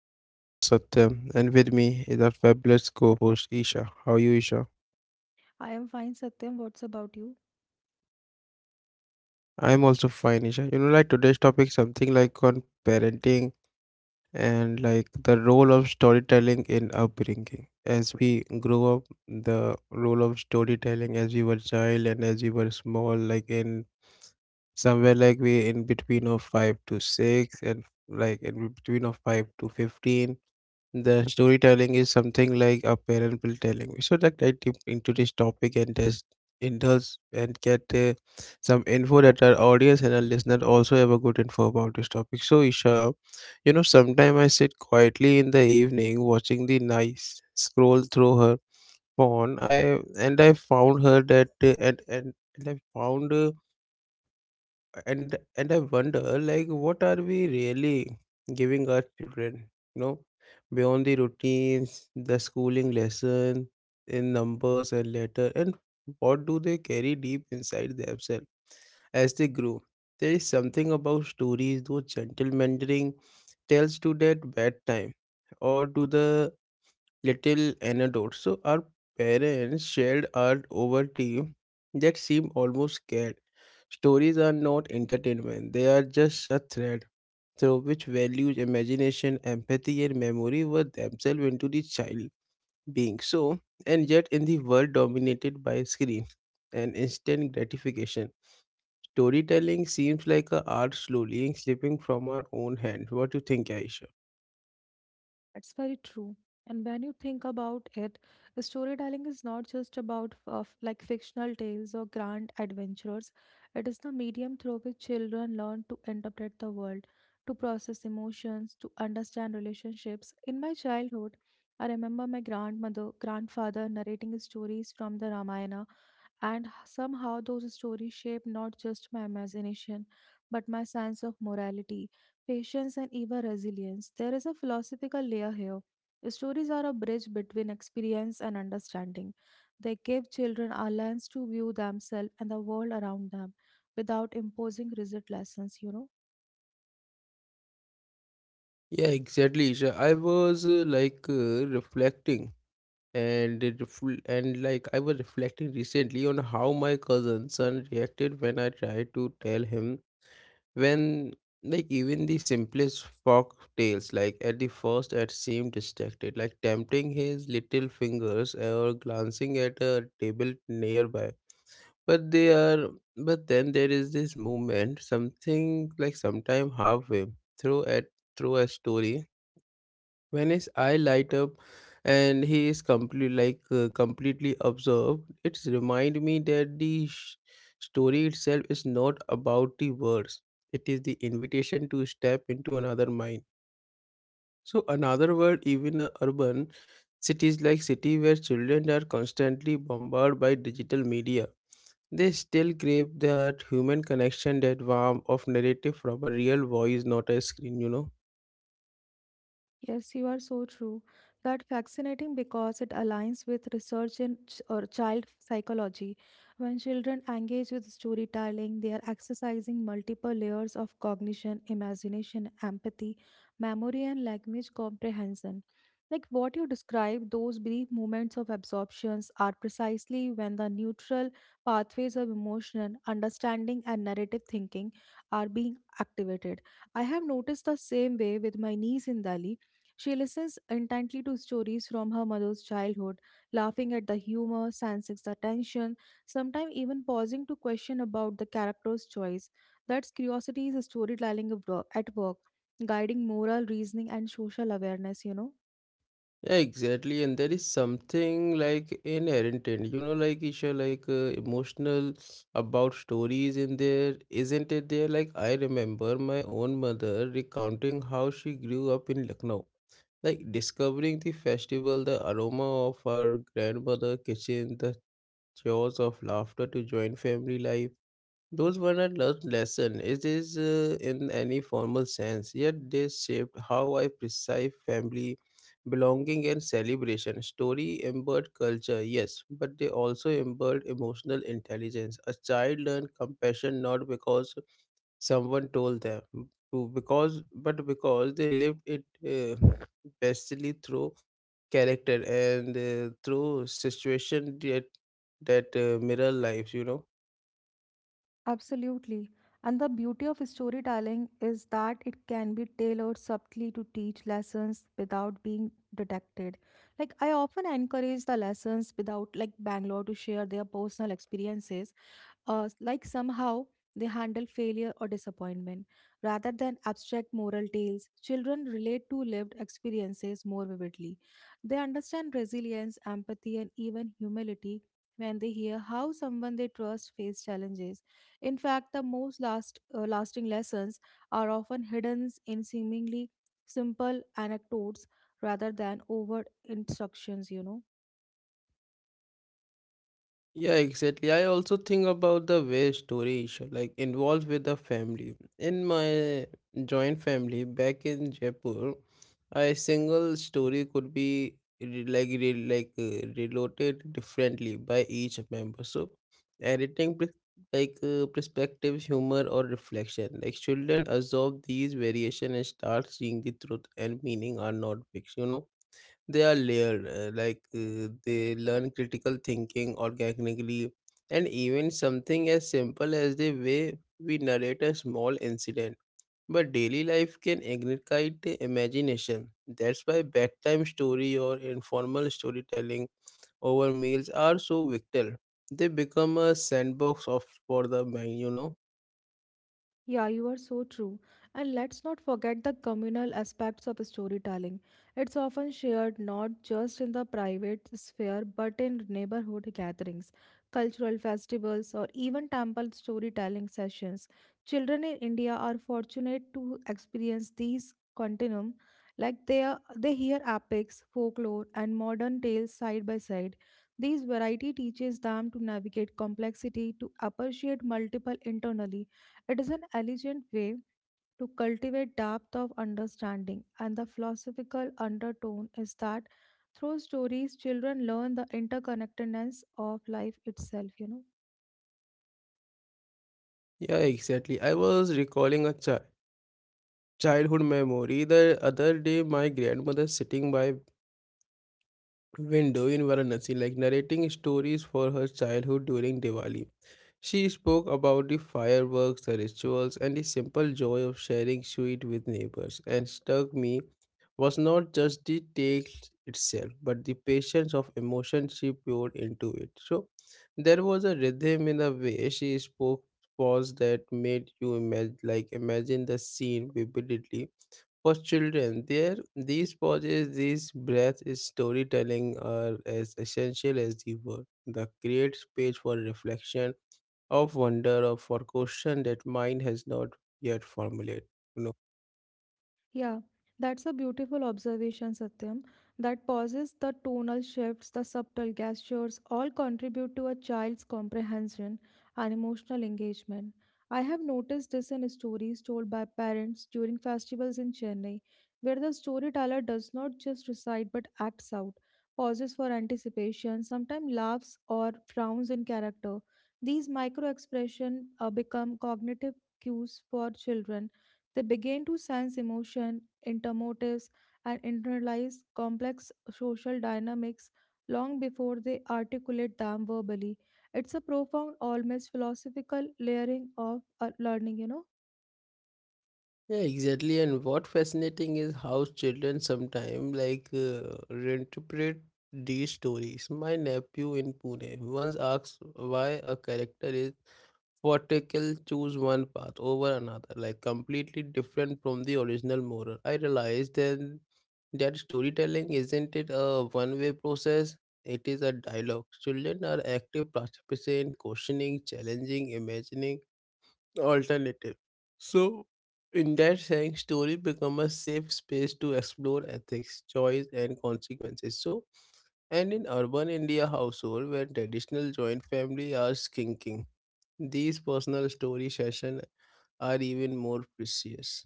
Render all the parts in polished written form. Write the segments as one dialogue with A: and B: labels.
A: I am your host Satyam and with me is our fabulous co-host Isha. How are you Isha?
B: I am fine, Satyam. What's about you?
A: I am also fine Isha. Today's topic something like on parenting and like the role of storytelling in upbringing. As we grow up, the role of storytelling as we were child and as we were small like in somewhere like we in between of 5 to 6 and like in between of 5 to 15 the storytelling is something like a parent will telling. We should like dive deep into this topic and just indulge and get some info that our audience and our listener also have a good info about this topic. So Isha, you know, sometime I sit quietly in the evening watching the nice scroll through her phone. I found her that and I found. And I wonder like what are we really giving our children, you know, beyond the routines, the schooling lesson in numbers and letter, and what do they carry deep inside themselves as they grow? There is something about stories, those gentle mentoring tells to that bad time or to the little anecdotes. So our parents shared art over tea that seemed almost scared. Stories are not entertainment, they are just a thread through which values, imagination, empathy, and memory were themselves into the child being. So, and yet in the world dominated by screen and instant gratification, storytelling seems like a art slowly slipping from our own hands. What do you think, Aisha?
B: That's very true. And when you think about it, storytelling is not just about f- of like fictional tales or grand adventures. It is the medium through which children learn to interpret the world, to process emotions, to understand relationships. In my childhood, I remember my grandmother, grandfather narrating stories from the Ramayana. And somehow those stories shape not just my imagination, but my sense of morality, patience, and even resilience. There is a philosophical layer here. Stories are a bridge between experience and understanding. They give children a lens to view themselves and the world around them without imposing rigid lessons, you know.
A: Yeah, exactly. So I was reflecting, and I was reflecting recently on how my cousin's son reacted when I tried to tell him when like even the simplest folk tales. Like at the first, it seemed distracted, like tempting his little fingers or glancing at a table nearby. But they are, but then there is this movement, something like sometime halfway through at through a story when his eye light up and he is completely completely absorbed it remind me that the story itself is not about the words, it is the invitation to step into another mind, so another world, even a urban cities like city where children are constantly bombarded by digital media. They still crave that human connection, that warmth of narrative from a real voice, not a screen, you know.
B: Yes, you are so true. That fascinating because it aligns with research in ch- or child psychology. When children engage with storytelling, they are exercising multiple layers of cognition, imagination, empathy, memory, and language comprehension. Like what you describe, those brief moments of absorptions are precisely when the neutral pathways of emotion, understanding, and narrative thinking are being activated. I have noticed the same way with my niece in Delhi. She listens intently to stories from her mother's childhood, laughing at the humor, sensing the tension, sometimes even pausing to question about the character's choice. That's curiosity is storytelling of at work, guiding moral reasoning and social awareness, you know.
A: Yeah, exactly. And there is something like inherent in, you know, like Isha, emotional about stories in there, isn't it? There, like I remember my own mother recounting how she grew up in Lucknow, like discovering the festival, the aroma of our grandmother kitchen, the chores of laughter to join family life, those were not learned lesson. It is in any formal sense, yet they shaped how I perceive family, belonging, and celebration. Story embodied culture, yes, but they also embodied emotional intelligence. A child learned compassion not because someone told them, to because but because they lived it bestly through character and through situation that mirror lives. You know.
B: Absolutely. And the beauty of storytelling is that it can be tailored subtly to teach lessons without being detected. Like I often encourage the lessons without like Bangalore to share their personal experiences like somehow they handle failure or disappointment. Rather than abstract moral tales, children relate to lived experiences more vividly. They understand resilience, empathy, and even humility when they hear how someone they trust faced challenges. In fact, the most lasting lessons are often hidden in seemingly simple anecdotes rather than overt instructions, you know.
A: Yeah, exactly. I also think about the way stories like involved with the family. In my joint family back in Jaipur, a single story could be reloaded differently by each member. So, editing perspective, humor, or reflection. Like children absorb these variation and start seeing the truth and meaning are not fixed. You know they are layered they learn critical thinking organically, and even something as simple as the way we narrate a small incident but daily life can ignite the imagination. That's why bedtime story or informal storytelling over meals are so vital, they become a sandbox of for the mind, you know.
B: Yeah, you are so true. And let's not forget the communal aspects of storytelling. It's often shared not just in the private sphere but in neighborhood gatherings, cultural festivals, or even temple storytelling sessions. Children in India are fortunate to experience these continuum. They hear epics, folklore, and modern tales side by side. These variety teaches them to navigate complexity, to appreciate multiple internally. It is an elegant way to cultivate depth of understanding, and the philosophical undertone is that through stories, children learn the interconnectedness of life itself, you know.
A: Yeah, exactly. I was recalling a childhood memory the other day, my grandmother sitting by window in Varanasi, like narrating stories for her childhood during Diwali. She spoke about the fireworks, the rituals, and the simple joy of sharing sweet with neighbors, and struck me was not just the tale itself, but the patience of emotion she poured into it. So there was a rhythm in the way she spoke, pause that made you imagine the scene vividly for children. There these pauses, these breaths, is storytelling are as essential as the word. The create space for reflection, of wonder, or for question that mind has not yet formulated. You know.
B: Yeah, that's a beautiful observation, Satyam. That pauses, the tonal shifts, the subtle gestures all contribute to a child's comprehension and emotional engagement. I have noticed this in stories told by parents during festivals in Chennai, where the storyteller does not just recite but acts out, pauses for anticipation, sometimes laughs or frowns in character. These micro expressions become cognitive cues for children. They begin to sense emotion, intermotives, and internalize complex social dynamics long before they articulate them verbally. It's a profound, almost philosophical layering of learning, you know.
A: Yeah, exactly. And what fascinating is how children sometimes reinterpret these stories. My nephew in Pune once asked why a character is Vertical choose one path over another, like completely different from the original moral. I realized then that storytelling isn't it a one-way process, it is a dialogue. Children are active participants, questioning, challenging, imagining alternative. So in that sense, story become a safe space to explore ethics, choice and consequences. So and in urban India household where traditional joint family are skinking, these personal story session are even more precious.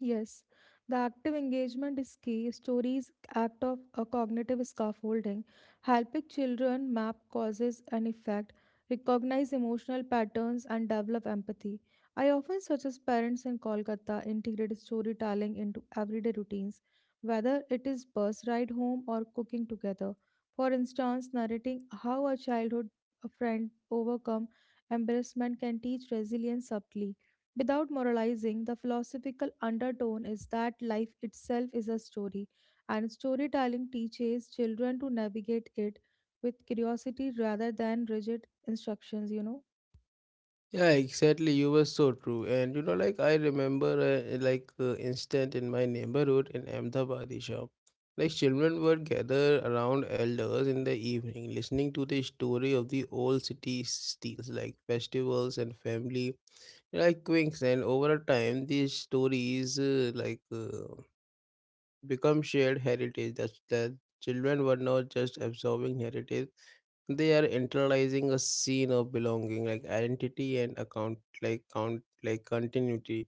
B: Yes, the active engagement is key. Stories act of a cognitive scaffolding, helping children map causes and effect, recognize emotional patterns, and develop empathy. I often suggest parents in Kolkata integrate storytelling into everyday routines, whether it is bus ride home or cooking together. For instance, narrating how a childhood friend overcome embarrassment can teach resilience subtly. Without moralizing, the philosophical undertone is that life itself is a story, and storytelling teaches children to navigate it with curiosity rather than rigid instructions, you know.
A: Yeah, exactly. You were so true. And you know, like I remember instant in my neighborhood in Ahmedabad shop. Like children were gathered around elders in the evening, listening to the story of the old city steals, like festivals and family, like quinks. And over a time, these stories become shared heritage that children were not just absorbing heritage, they are internalizing a scene of belonging like identity and account like continuity.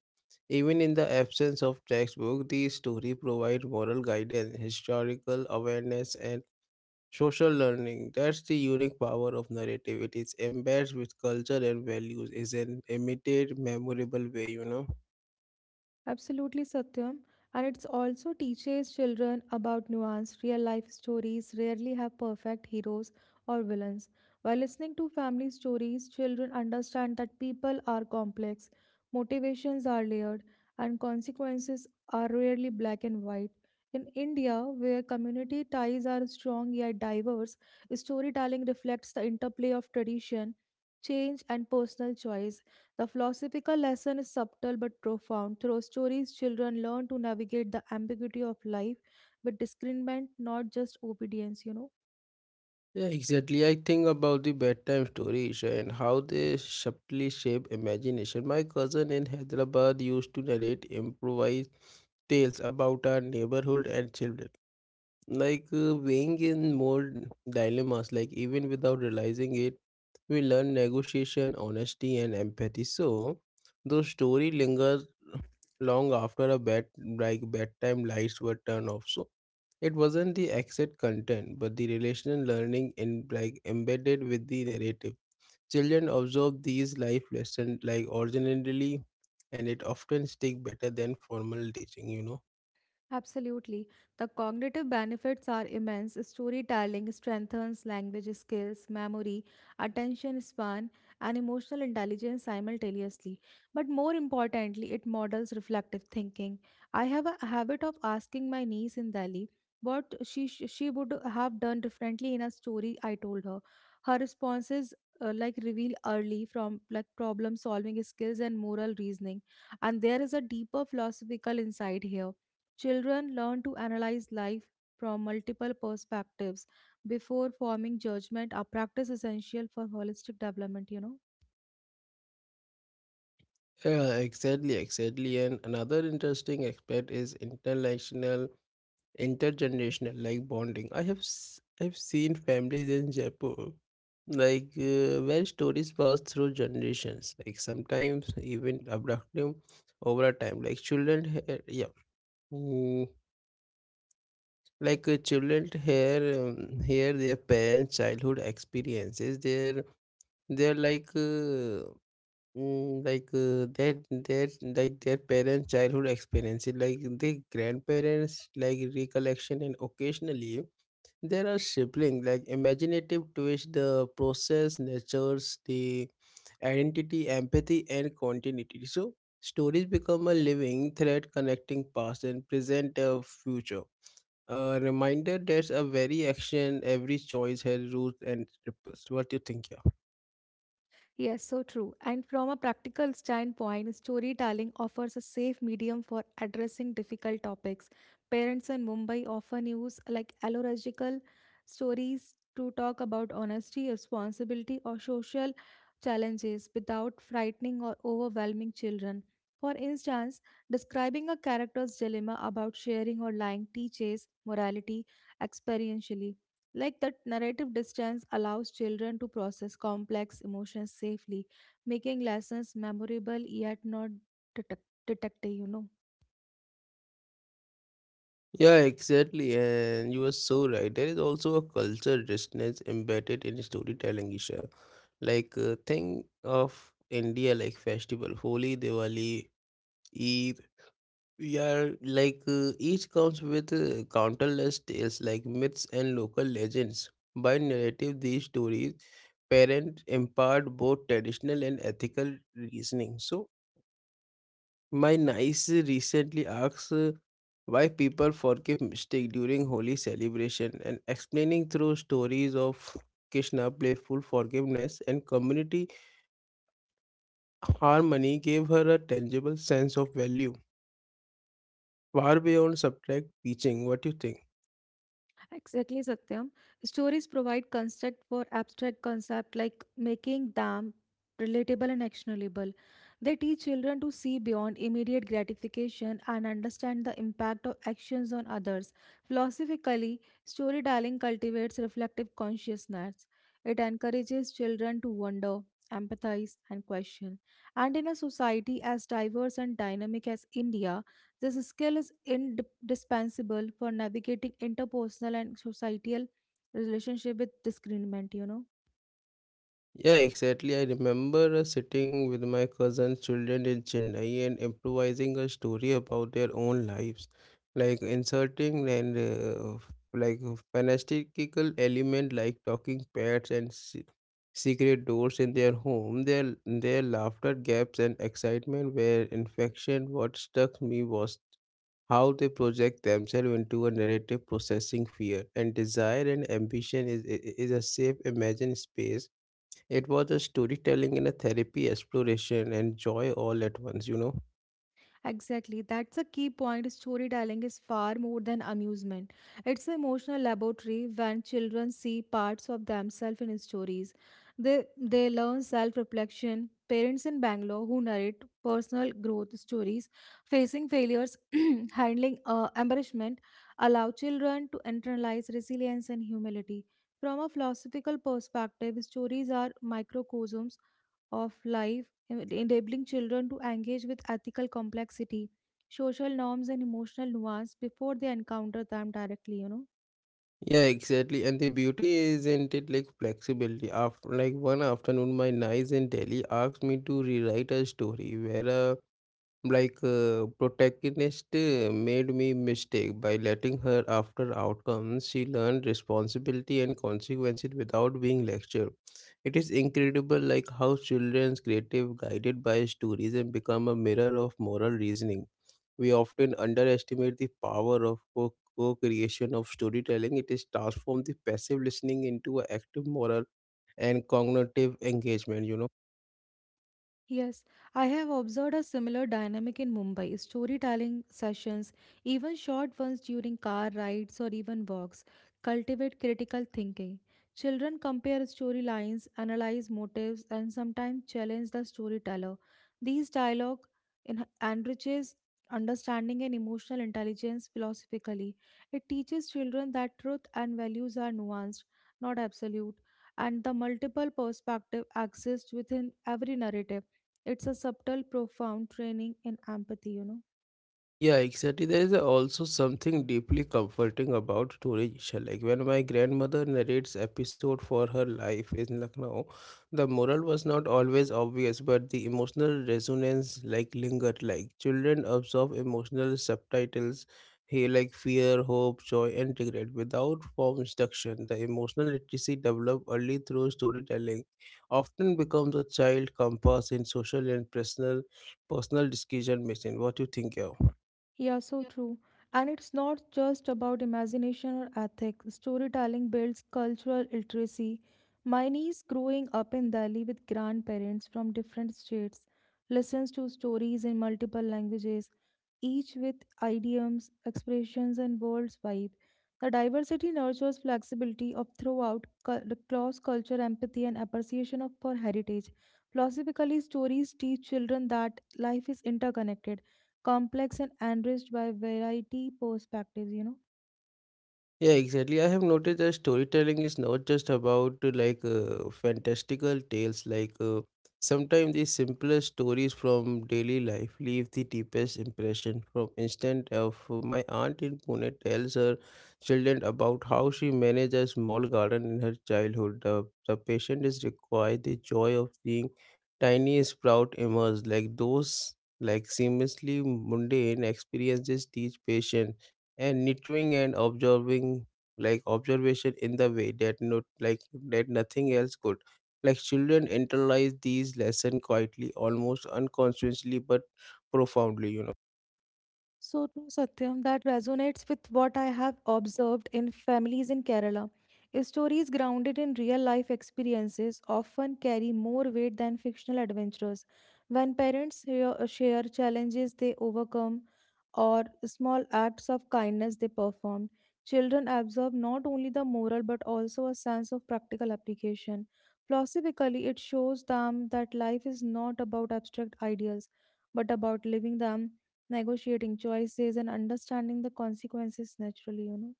A: Even in the absence of textbook, these stories provide moral guidance, historical awareness and social learning. That's the unique power of narrative, it is embedded with culture and values is an imitate memorable way, you know.
B: Absolutely, Satyam. And it also teaches children about nuance. Real life stories rarely have perfect heroes or villains. By listening to family stories, children understand that people are complex, motivations are layered, and consequences are rarely black and white. In India, where community ties are strong yet diverse, storytelling reflects the interplay of tradition, change, and personal choice. The philosophical lesson is subtle but profound. Through stories, children learn to navigate the ambiguity of life with discernment, not just obedience, you know.
A: Yeah, exactly. I think about the bedtime stories and how they subtly shape imagination. My cousin in Hyderabad used to narrate improvised tales about our neighborhood and children, weighing in more dilemmas, like even without realizing it, we learn negotiation, honesty, and empathy. So, those story lingers long after a bedtime lights were turned off. So, it wasn't the exact content, but the relational learning in like embedded with the narrative. Children absorb these life lessons like originally, and it often stick better than formal teaching. You know.
B: Absolutely. The cognitive benefits are immense. Storytelling strengthens language skills, memory, attention span, and emotional intelligence simultaneously. But more importantly, it models reflective thinking. I have a habit of asking my niece in Delhi what she would have done differently in a story I told her. Her responses like reveal early from like problem solving skills and moral reasoning. And there is a deeper philosophical insight here. Children learn to analyze life from multiple perspectives before forming judgment. Our practice essential for holistic development, you know.
A: Yeah, exactly, exactly. And another interesting aspect is international intergenerational like bonding. I've seen families in Jaipur, where stories pass through generations, like sometimes even abruptly over a time, like children yeah, mm, children here here their parents childhood experiences they're like mm, like their like their parents childhood experiences, like the grandparents like recollection, and occasionally there are shaping like imaginative twist. The process nurtures the identity, empathy, and continuity. So stories become a living thread connecting past and present future. A reminder that a very action, every choice has roots and ripples. What do you think here?
B: Yes, so true. And from a practical standpoint, storytelling offers a safe medium for addressing difficult topics. Parents in Mumbai often use like allegorical stories to talk about honesty, responsibility, or social challenges without frightening or overwhelming children. For instance, describing a character's dilemma about sharing or lying teaches morality experientially. Like that narrative distance allows children to process complex emotions safely, making lessons memorable yet not detective, you know.
A: Yeah, exactly, and you are so right. There is also a culture richness embedded in storytelling, Isha. Think of India like festival, Holi, Diwali, E yeah, each comes with countless tales like myths and local legends. By narrative, these stories parents impart both traditional and ethical reasoning. So my niece recently asks why people forgive mistake during holy celebration, and explaining through stories of Krishna playful forgiveness and community harmony gave her a tangible sense of value far beyond subtract teaching. What do you think?
B: Exactly, Satyam. Stories provide construct for abstract concept like making them relatable and actionable. They teach children to see beyond immediate gratification and understand the impact of actions on others. Philosophically, storytelling cultivates reflective consciousness. It encourages children to wonder, empathize, and question. And in a society as diverse and dynamic as India, this skill is indispensable for navigating interpersonal and societal relationship with disagreement, you know.
A: Yeah, exactly. I remember sitting with my cousin's children in Chennai and improvising a story about their own lives, like inserting and a fantastical element like talking pets and secret doors in their home. Their laughter gaps and excitement were infection. What struck me was how they project themselves into a narrative processing fear and desire and ambition is a safe imagined space. It was a storytelling and a therapy exploration and joy all at once, you know.
B: Exactly, that's a key point. Storytelling is far more than amusement. It's an emotional laboratory when children see parts of themselves in stories. They learn self reflection. Parents in Bangalore who narrate personal growth stories, facing failures, handling embarrassment, allow children to internalize resilience and humility. From a philosophical perspective, stories are microcosms of life, enabling children to engage with ethical complexity, social norms, and emotional nuance before they encounter them directly, you know.
A: Yeah, exactly. And the beauty isn't it like flexibility. After like one afternoon, my niece in Delhi asked me to rewrite a story where a protagonist made me mistake by letting her after outcomes. She learned responsibility and consequences without being lectured. It is incredible like how children's creative guided by stories and become a mirror of moral reasoning. We often underestimate the power of co-creation of storytelling. It is transformed the passive listening into an active moral and cognitive engagement. You know.
B: Yes, I have observed a similar dynamic in Mumbai. Storytelling sessions, even short ones during car rides or even walks, cultivate critical thinking. Children compare storylines, analyze motives, and sometimes challenge the storyteller. These dialogue enriches understanding and emotional intelligence philosophically. It teaches children that truth and values are nuanced, not absolute, and the multiple perspective exists within every narrative. It's a subtle, profound training in empathy, you know.
A: Yeah, exactly. There is also something deeply comforting about story Isha. Like when my grandmother narrates episode for her life in Lucknow, the moral was not always obvious, but the emotional resonance like lingered. Like children absorb emotional subtitles here like fear, hope, joy, and regret without form instruction. The emotional literacy developed early through storytelling often becomes a child compass in social and personal decision making. What do you think, yeah?
B: Yeah, so
A: Yeah.
B: true. And it's not just about imagination or ethics. Storytelling builds cultural literacy. My niece, growing up in Delhi with grandparents from different states, listens to stories in multiple languages, each with idioms, expressions, and words vibe. The diversity nurtures flexibility of throughout cross culture, empathy, and appreciation of for heritage. Philosophically, stories teach children that life is interconnected, complex, and enriched by variety perspectives, you know.
A: Yeah, exactly. I have noticed that storytelling is not just about fantastical tales. Sometimes the simplest stories from daily life leave the deepest impression. From instant of my aunt in Pune tells her children about how she managed a small garden in her childhood. The patient is required the joy of seeing tiny sprout emerge. Like those like seamlessly mundane experiences teach patience and nurturing and observing like observation in the way that not like that nothing else could like children internalize these lessons quietly almost unconsciously but profoundly.
B: So true, Satyam, that resonates with what I have observed in families in Kerala. Stories grounded in real life experiences often carry more weight than fictional adventures. When parents share challenges they overcome or small acts of kindness they perform, children absorb not only the moral but also a sense of practical application. Philosophically, it shows them that life is not about abstract ideals but about living them, negotiating choices, and understanding the consequences naturally, you know.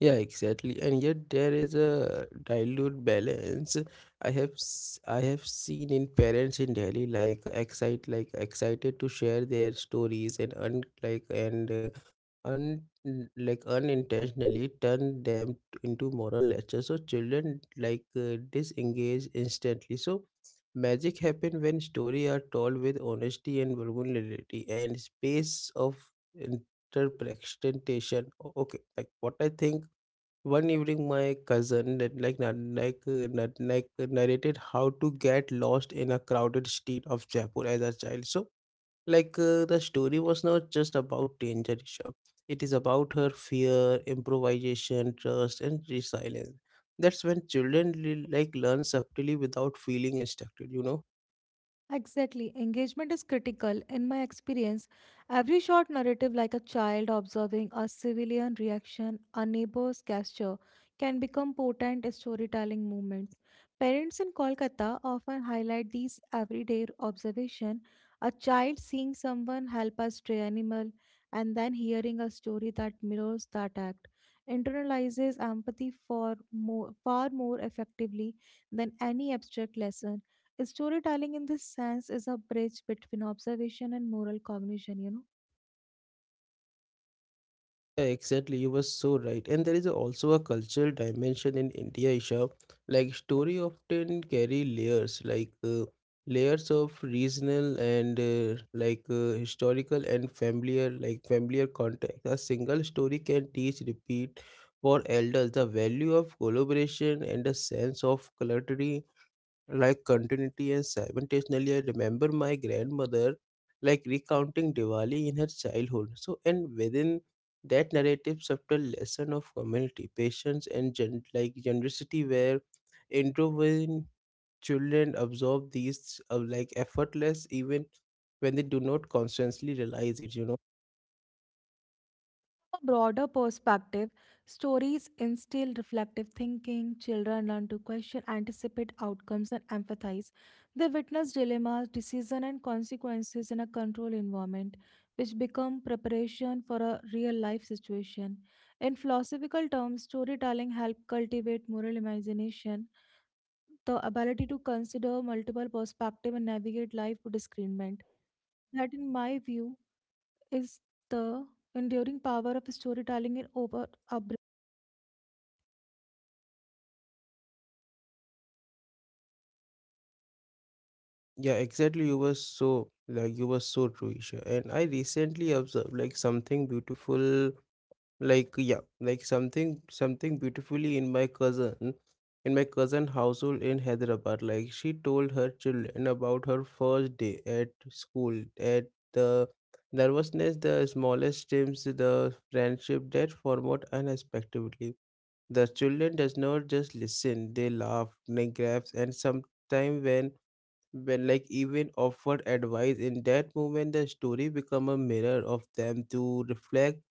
A: Yeah, exactly. And yet there is a dilute balance. I have seen in parents in Delhi like excite like excited to share their stories and un like unintentionally turn them into moral lectures. So children disengage instantly. So magic happen when story are told with honesty and vulnerability and space of interpretation. Okay, like what I think one evening, my cousin that narrated how to get lost in a crowded street of Jaipur as a child. So, the story was not just about danger, Rishabh. It is about her fear, improvisation, trust, and resilience. That's when children like learn subtly without feeling instructed. You know.
B: Exactly. Engagement is critical. In my experience, every short narrative, like a child observing a civilian reaction, a neighbor's gesture, can become potent storytelling moments. Parents in Kolkata often highlight these everyday observation. A child seeing someone help a stray animal and then hearing a story that mirrors that act internalizes empathy for more, far more effectively than any abstract lesson. Storytelling in this sense is a bridge between observation and moral cognition, you know.
A: Yeah, exactly. You were so right. And there is also a cultural dimension in India, Isha. Like story often carry layers, layers of regional and historical and familiar, like familiar context. A single story can teach repeat for elders the value of collaboration and a sense of camaraderie like continuity and simultaneously I remember my grandmother like recounting Diwali in her childhood so and within that narrative subtle lesson of community patience and like generosity where introverted children absorb these like effortless even when they do not consciously realize it.
B: A broader perspective, stories instill reflective thinking, children learn to question, anticipate outcomes, and empathize. They witness dilemmas, decisions, and consequences in a controlled environment, which become preparation for a real life situation. In philosophical terms, storytelling helps cultivate moral imagination, the ability to consider multiple perspectives and navigate life to discernment. That, in my view, is the enduring power of storytelling in over upbringing.
A: Yeah exactly you were so like you were so true Isha. And I recently observed like something beautiful like yeah like something beautifully in my cousin household in Hyderabad like she told her children about her first day at school at the nervousness the smallest stems the friendship that formed unexpectedly the children does not just listen they laugh they grabs and sometimes when like even offered advice in that moment the story become a mirror of them to reflect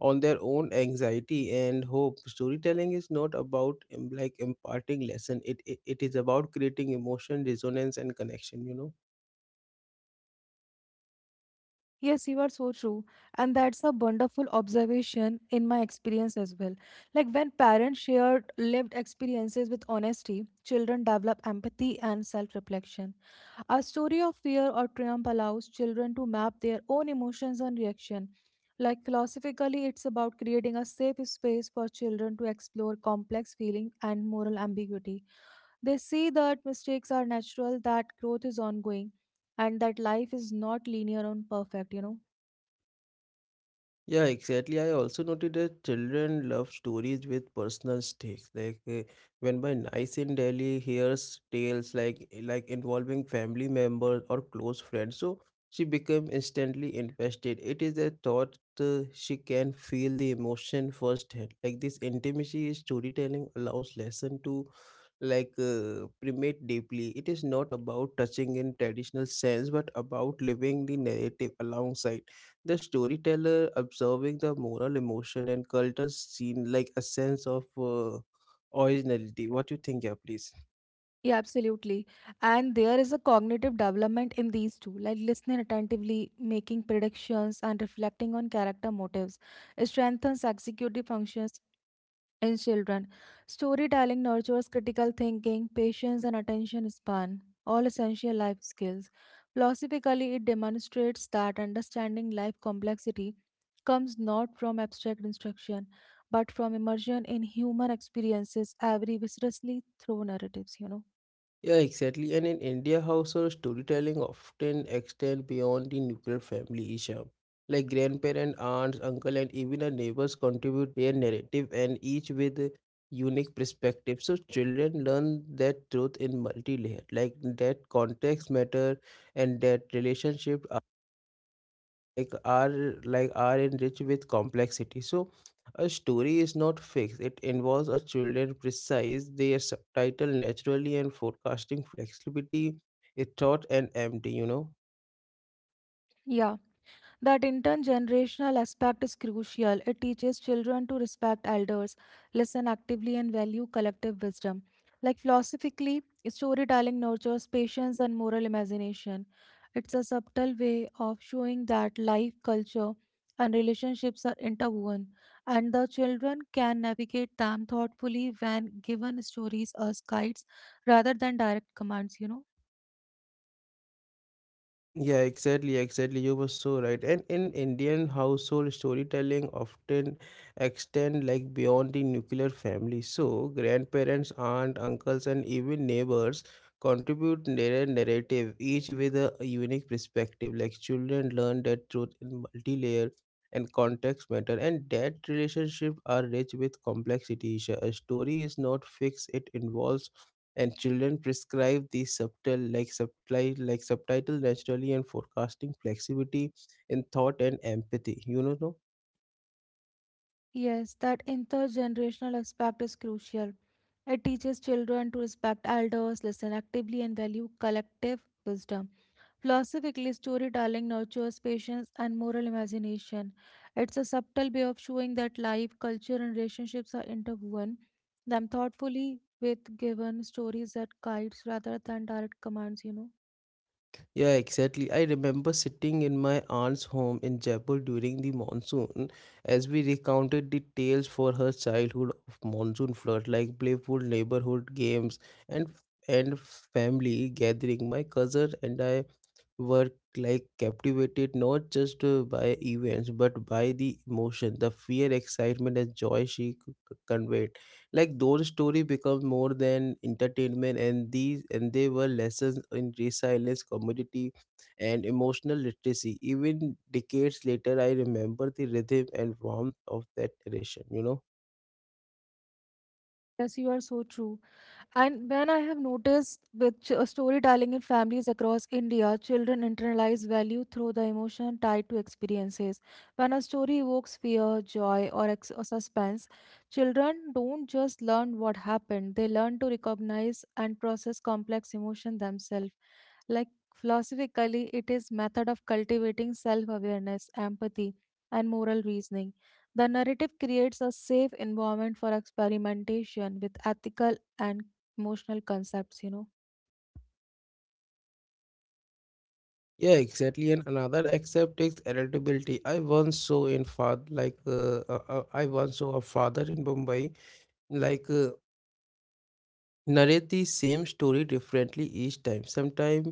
A: on their own anxiety and hope storytelling is not about like imparting lesson it is about creating emotion resonance and connection.
B: Yes, you are so true. And that's a wonderful observation in my experience as well. Like when parents share lived experiences with honesty, children develop empathy and self reflection. A story of fear or triumph allows children to map their own emotions and reaction. Like philosophically, it's about creating a safe space for children to explore complex feeling and moral ambiguity. They see that mistakes are natural, that growth is ongoing, and that life is not linear and perfect, you know.
A: Yeah, exactly. I also noted that children love stories with personal stakes. When my niece in Delhi hears tales like involving family members or close friends, so she become instantly invested. It is a thought she can feel the emotion firsthand. Like this intimacy is storytelling allows lesson to primate deeply. It is not about touching in traditional sense, but about living the narrative alongside. The storyteller observing the moral emotion and culture scene like a sense of originality. What you think, yeah, please?
B: Yeah, absolutely. And there is a cognitive development in these two, like listening attentively, making predictions, and reflecting on character motives. It strengthens executive functions in children. Storytelling nurtures critical thinking, patience, and attention span, all essential life skills. Philosophically, it demonstrates that understanding life complexity comes not from abstract instruction but from immersion in human experiences, every viscerally through narratives, you know.
A: Yeah, exactly. And in India household, storytelling often extend beyond the nuclear family, Isha. Like grandparents, aunts, uncle, and even the neighbors contribute their narrative and each with a unique perspective. So children learn that truth in multi-layered, like that context matter and that relationship like are enriched with complexity so a story is not fixed it involves a children precise their subtitle naturally and forecasting flexibility it taught and empty you know
B: Yeah. That intergenerational aspect is crucial. It teaches children to respect elders, listen actively, and value collective wisdom. Like philosophically, storytelling nurtures patience and moral imagination. It's a subtle way of showing that life, culture, and relationships are interwoven, and the children can navigate them thoughtfully when given stories as guides rather than direct commands, you know.
A: Yeah, exactly, exactly. You were so right. And in Indian household, storytelling often extend like beyond the nuclear family. So grandparents, aunt, uncles, and even neighbors contribute narrative, each with a unique perspective. Like children learn that truth in multi-layer and context matter, and that relationship are rich with complexity. A story is not fixed; it involves and children prescribe the subtle like subtitle naturally and forecasting flexibility in thought and empathy you know no?
B: Yes, that intergenerational aspect is crucial. It teaches children to respect elders, listen actively, and value collective wisdom. Philosophically, storytelling nurtures patience and moral imagination. It's a subtle way of showing that life, culture, and relationships are interwoven, them thoughtfully with given stories that guides rather than direct commands, you know.
A: Yeah exactly I remember sitting in my aunt's home in Jaipur during the monsoon as we recounted the tales for her childhood of monsoon flood like playful neighborhood games and family gathering my cousin and I were like captivated not just by events but by the emotion the fear excitement and joy she conveyed like those story become more than entertainment and these and they were lessons in resilience community and emotional literacy even decades later I remember the rhythm and warmth of that narration.
B: Yes, you are so true. And when I have noticed with storytelling in families across India, children internalize value through the emotion tied to experiences. When a story evokes fear, joy, or suspense, children don't just learn what happened, they learn to recognize and process complex emotion themselves. Like philosophically, it is method of cultivating self-awareness, empathy, and moral reasoning. The narrative creates a safe environment for experimentation with ethical and emotional concepts, you know.
A: Yeah, exactly. And another aspect is adaptability. I once saw in father, like I once saw a father in Mumbai like uh, narrate the same story differently each time sometimes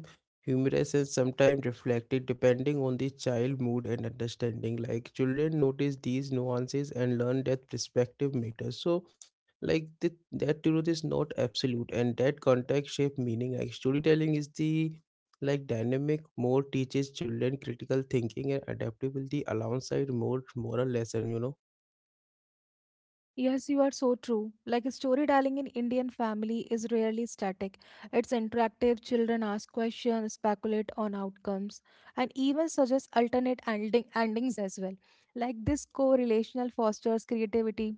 A: humorous and sometimes reflective depending on the child mood and understanding like children notice these nuances and learn that perspective matters so that truth is not absolute and that context shape meaning like storytelling is the like dynamic more teaches children critical thinking and adaptability alongside more moral lesson you know
B: Yes, you are so true. Like storytelling in Indian family is rarely static. It's interactive. Children ask questions, speculate on outcomes, and even suggest alternate endings as well. Like this co-relational fosters creativity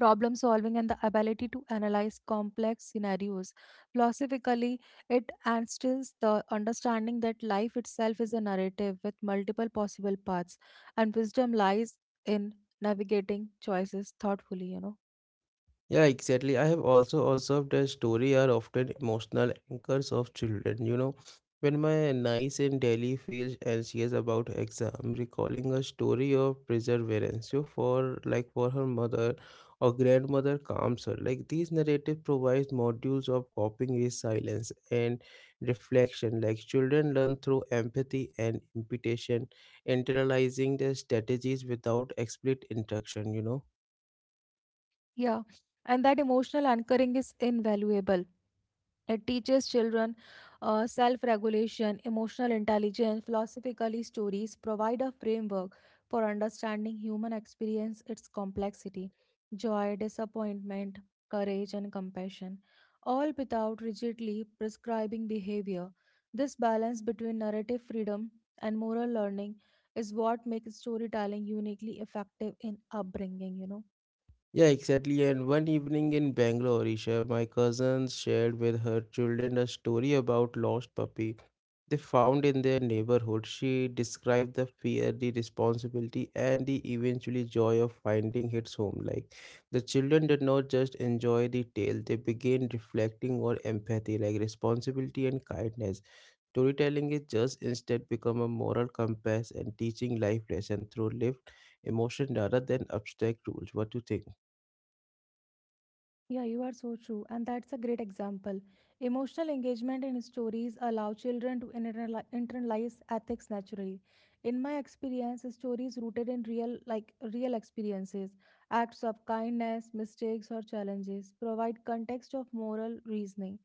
B: problem solving and the ability to analyze complex scenarios. Philosophically, it instills the understanding that life itself is a narrative with multiple possible paths, and wisdom lies in navigating choices thoughtfully, you know.
A: Yeah, exactly. I have also observed that stories are often emotional anchors of children. You know, when my niece in Delhi feels anxious about exam, recalling a story of perseverance so for like for her mother or grandmother calms her. Like these narratives provides modules of coping resilience and reflection. Like children learn through empathy and imitation, internalizing their strategies without explicit instruction, you know.
B: Yeah. And that emotional anchoring is invaluable. It teaches children self regulation, emotional intelligence, philosophically, stories provide a framework for understanding human experience, its complexity, joy, disappointment, courage, and compassion, all without rigidly prescribing behavior. This balance between narrative freedom and moral learning is what makes storytelling uniquely effective in upbringing, you know.
A: Yeah, exactly. And one evening in Bangalore, Isha, my cousin shared with her children a story about lost puppy they found in their neighborhood. She described the fear, the responsibility, and the eventually joy of finding its home. Like the children did not just enjoy the tale; they began reflecting on empathy, like responsibility and kindness. Storytelling is just instead become a moral compass and teaching life lesson through lived emotion rather than abstract rules. What do you think?
B: Yeah, you are so true. And that's a great example. Emotional engagement in stories allow children to internalize ethics naturally. In my experience, stories rooted in real experiences, acts of kindness, mistakes or challenges provide context of moral reasoning.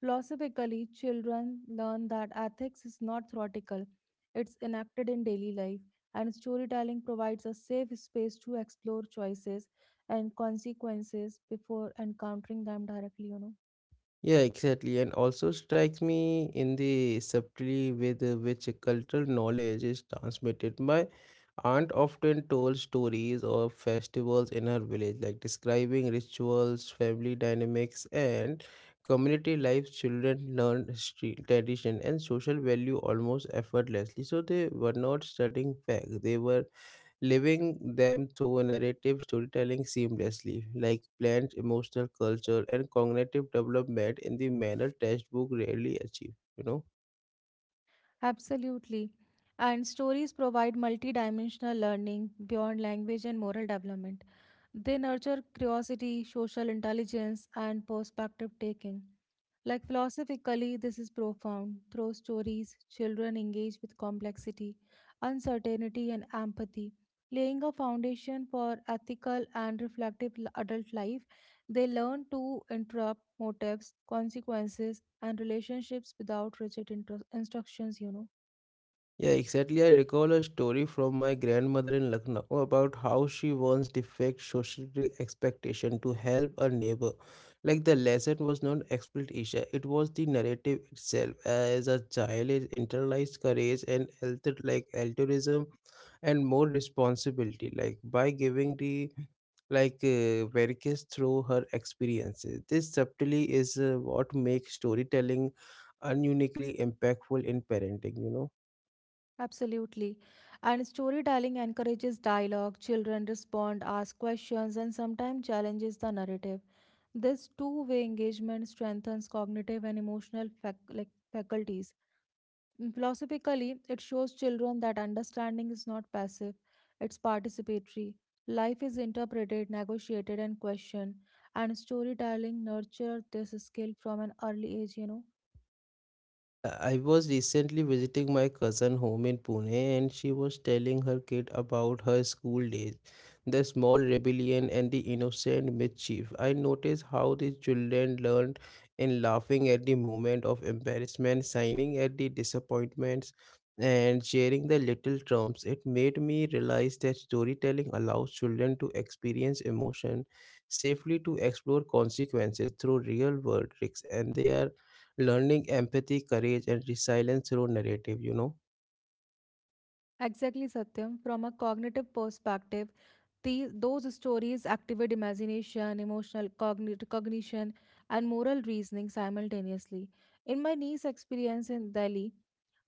B: Philosophically, children learn that ethics is not theoretical. It's enacted in daily life, and storytelling provides a safe space to explore choices and consequences before encountering them directly, you know.
A: Yeah, exactly. And also strikes me in the subtlety with which cultural knowledge is transmitted. My aunt often told stories of festivals in her village, like describing rituals, family dynamics, and community life. Children learned history, tradition, and social value almost effortlessly. So they were not studying facts; they were living them through narrative storytelling seamlessly, like plant emotional culture and cognitive development in the manner textbook rarely achieve, you know.
B: Absolutely. And stories provide multidimensional learning beyond language and moral development. They nurture curiosity, social intelligence, and perspective taking. Like philosophically, this is profound. Through stories, children engage with complexity, uncertainty, and empathy, laying a foundation for ethical and reflective adult life. They learn to interrupt motives, consequences, and relationships without rigid instructions, you know.
A: Yeah, exactly. I recall a story from my grandmother in Lucknow about how she once defied social expectation to help a neighbor. Like the lesson was not exploitation; it was the narrative itself. As a child, it internalized courage and alter like altruism and more responsibility. Like by giving the Verkis through her experiences. This subtly is what makes storytelling ununiquely impactful in parenting. You know.
B: Absolutely. And storytelling encourages dialogue. Children respond, ask questions, and sometimes challenges the narrative. This two-way engagement strengthens cognitive and emotional faculties. Philosophically, it shows children that understanding is not passive, it's participatory. Life is interpreted, negotiated, and questioned, and storytelling nurtures this skill from an early age, you know.
A: I was recently visiting my cousin home in Pune and she was telling her kid about her school days, the small rebellion and the innocent mischief. I noticed how the children learned in laughing at the moment of embarrassment, signing at the disappointments, and sharing the little trumps. It made me realize that storytelling allows children to experience emotion safely to explore consequences through real world tricks and they are learning empathy, courage, and resilience through narrative, you know.
B: Exactly, Satyam. From a cognitive perspective, these those stories activate imagination, emotional cognition, and moral reasoning simultaneously. In my niece's experience in Delhi,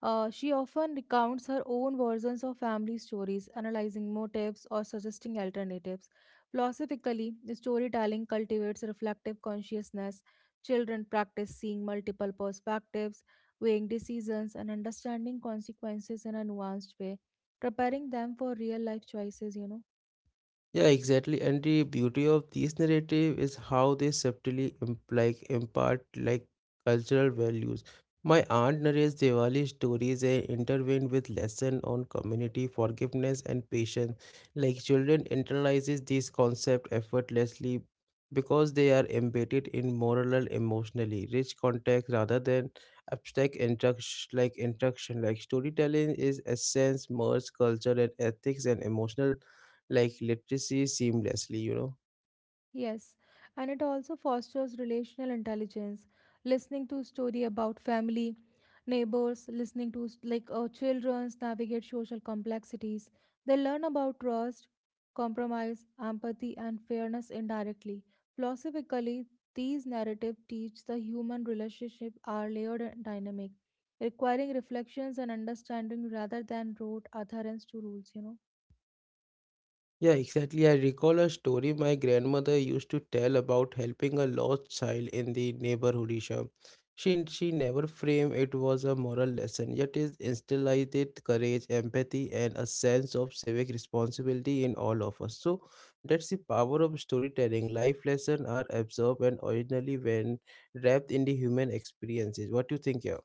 B: she often recounts her own versions of family stories, analyzing motives or suggesting alternatives. Philosophically, storytelling cultivates reflective consciousness. Children practice seeing multiple perspectives, weighing decisions, and understanding consequences in a nuanced way, preparing them for real life choices, you know.
A: Yeah, exactly. And the beauty of these narrative is how they subtly imply, impart like cultural values. My aunt narrates Diwali stories and intervene with lesson on community forgiveness and patience. Like children internalizes these concepts effortlessly because they are embedded in moral and emotionally rich context rather than abstract instruction. Like storytelling is essence, merge culture and ethics and emotional like literacy seamlessly, you know.
B: Yes, and it also fosters relational intelligence, listening to story about family, neighbors, listening to children's navigate social complexities. They learn about trust, compromise, empathy, and fairness indirectly. Philosophically, these narratives teach the human relationship are layered and dynamic, requiring reflections and understanding rather than rote adherence to rules, you know.
A: Yeah, exactly. I recall a story my grandmother used to tell about helping a lost child in the neighborhood Isha. She never framed it was a moral lesson, yet it instilled it courage, empathy, and a sense of civic responsibility in all of us. So that's the power of storytelling. Life lessons are absorbed and originally when wrapped in the human experiences. What do you think, yeah?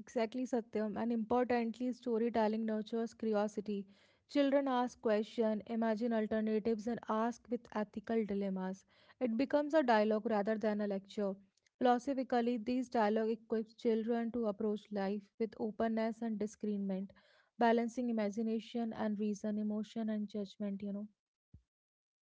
B: Exactly, Satyam. And importantly, storytelling nurtures curiosity. Children ask questions, imagine alternatives, and ask with ethical dilemmas. It becomes a dialogue rather than a lecture. Philosophically, these dialogue equips children to approach life with openness and discernment, balancing imagination and reason, emotion and judgment, you know.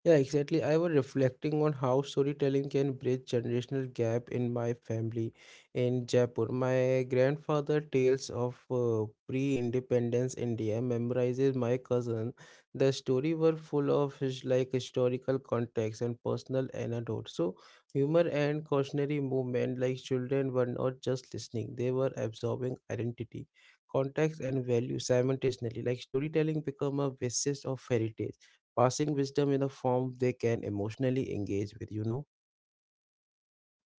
A: Yeah, exactly. I was reflecting on how storytelling can bridge generational gap in my family in Jaipur. My grandfather tales of pre-independence India memorizes my cousin. The story were full of his, like historical context and personal anecdotes. So humor and cautionary movement like children were not just listening, they were absorbing identity, context and value simultaneously. Like storytelling become a basis of fairy tale passing wisdom in a form they can emotionally engage with, you know?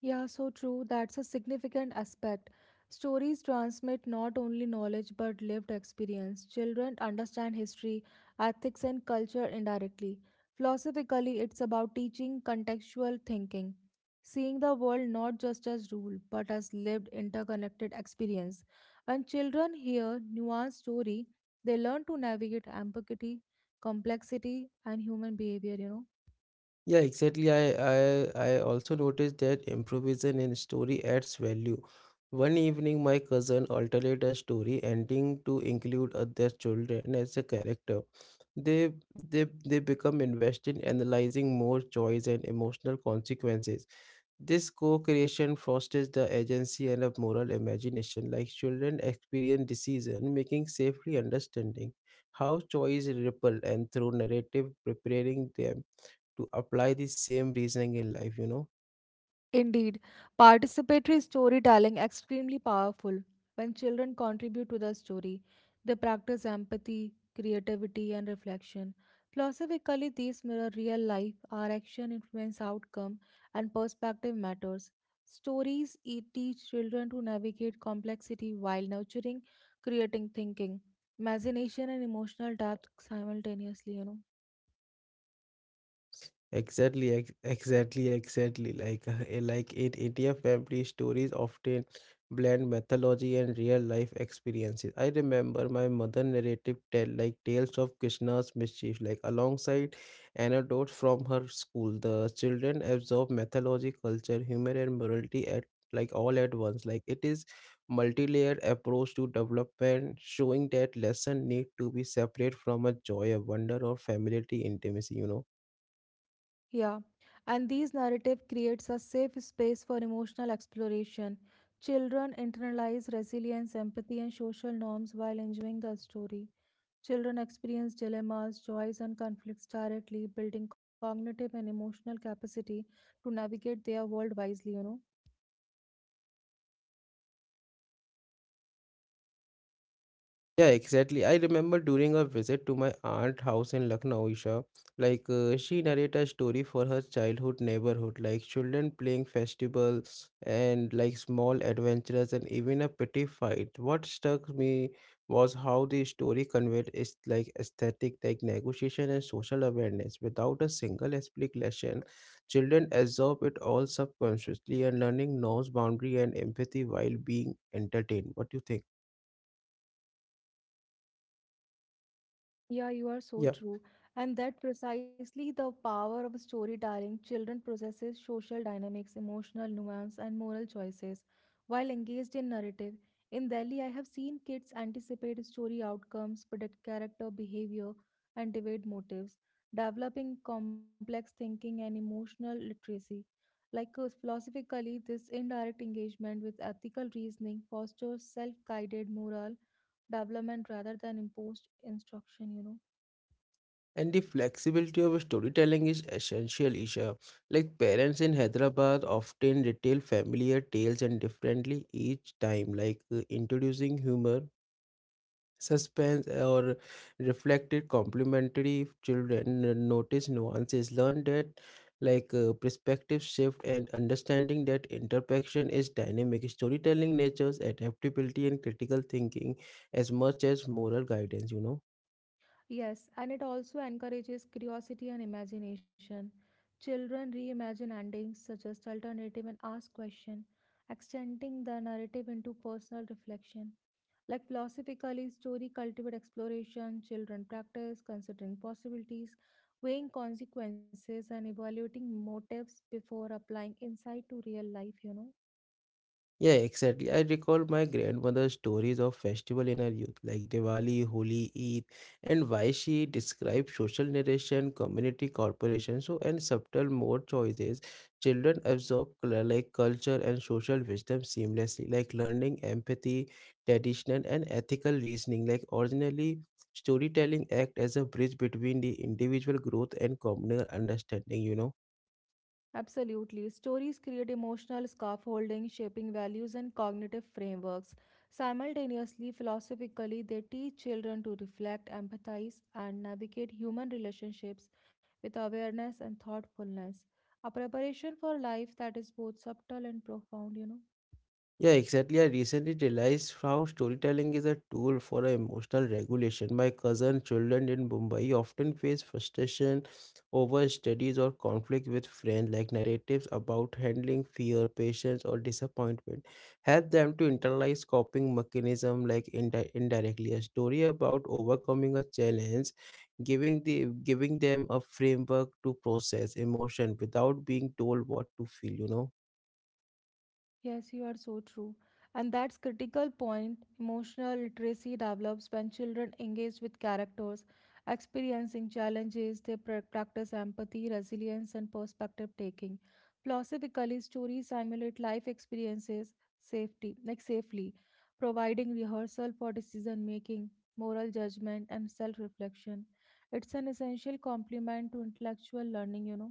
B: Yeah, so true. That's a significant aspect. Stories transmit not only knowledge but lived experience. Children understand history, ethics, and culture indirectly. Philosophically, it's about teaching contextual thinking, seeing the world not just as rule but as lived interconnected experience. When children hear nuanced story, they learn to navigate ambiguity, complexity, and human behavior, you know.
A: Yeah, exactly. I also noticed that improvisation in story adds value. One evening, my cousin altered a story ending to include other children as a character. They they they become invested in analyzing more choice and emotional consequences. This co creation fosters the agency and a moral imagination, like children experience decision making safely understanding how choice ripple and through narrative preparing them to apply the same reasoning in life, you know.
B: Indeed, participatory storytelling extremely powerful. When children contribute to the story, they practice empathy, creativity, and reflection. Philosophically, these mirror real life. Our action influence outcome, and perspective matters. Stories teach children to navigate complexity while nurturing creating thinking, imagination, and emotional depth simultaneously. You know.
A: Exactly. Like, like in India, family stories often blend mythology and real life experiences. I remember my mother narrative tell like tales of Krishna's mischief, like alongside anecdotes from her school. The children absorb mythology, culture, humor, and morality at like all at once. Like it is multi-layered approach to development, showing that lesson need to be separate from a joy, a wonder, or familiarity intimacy. You know.
B: Yeah, and these narrative creates a safe space for emotional exploration. Children internalize resilience, empathy, and social norms while enjoying the story. Children experience dilemmas, joys, and conflicts directly, building cognitive and emotional capacity to navigate their world wisely, you know.
A: Yeah, exactly. I remember during a visit to my aunt house in Lucknow, Isha, she narrated a story for her childhood neighborhood, like children playing festivals and like small adventures and even a petty fight. What struck me was how the story conveyed is like aesthetic, like negotiation and social awareness without a single explanation. Children absorb it all subconsciously and learning knows boundary and empathy while being entertained. What do you think?
B: Yeah, you are so true. And that precisely the power of storytelling. Children processes social dynamics, emotional nuance, and moral choices while engaged in narrative. In Delhi, I have seen kids anticipate story outcomes, predict character behavior, and debate motives, developing complex thinking and emotional literacy. Philosophically, this indirect engagement with ethical reasoning fosters self-guided moral development rather than imposed instruction, you know.
A: And the flexibility of storytelling is essential, Isha. Like parents in Hyderabad often retell familiar tales and differently each time, introducing humor, suspense, or reflected complimentary. If Children notice nuances, learn that perspective shift and understanding that interaction is dynamic. Storytelling natures adaptability and critical thinking as much as moral guidance. You know.
B: Yes, and it also encourages curiosity and imagination. Children reimagine endings, suggest alternative and ask questions, extending the narrative into personal reflection. Like philosophically, story cultivate exploration, children practice considering possibilities, weighing consequences and evaluating motives before applying insight to real life, you know.
A: Yeah, exactly. I recall my grandmother's stories of festival in her youth, like Diwali, Holi, Eid, and why she described social narration, community corporation, so and subtle mode choices. Children absorb like culture and social wisdom seamlessly, like learning empathy, traditional and ethical reasoning. Like originally, storytelling act as a bridge between the individual growth and communal understanding. You know.
B: Absolutely. Stories create emotional scaffolding, shaping values and cognitive frameworks. Simultaneously, philosophically, they teach children to reflect, empathize, and navigate human relationships with awareness and thoughtfulness. A preparation for life that is both subtle and profound, you know.
A: Yeah, exactly. I recently realized how storytelling is a tool for emotional regulation. My cousin children in Mumbai often face frustration over studies or conflict with friends, like narratives about handling fear, patience, or disappointment. Help them to internalize coping mechanism like indirectly a story about overcoming a challenge, giving them a framework to process emotion without being told what to feel, you know.
B: Yes, you are so true. And that's critical point. Emotional literacy develops when children engage with characters experiencing challenges. They practice empathy, resilience, and perspective taking. Philosophically, stories simulate life experiences safety, like safely, providing rehearsal for decision making, moral judgment, and self-reflection. It's an essential complement to intellectual learning, you know.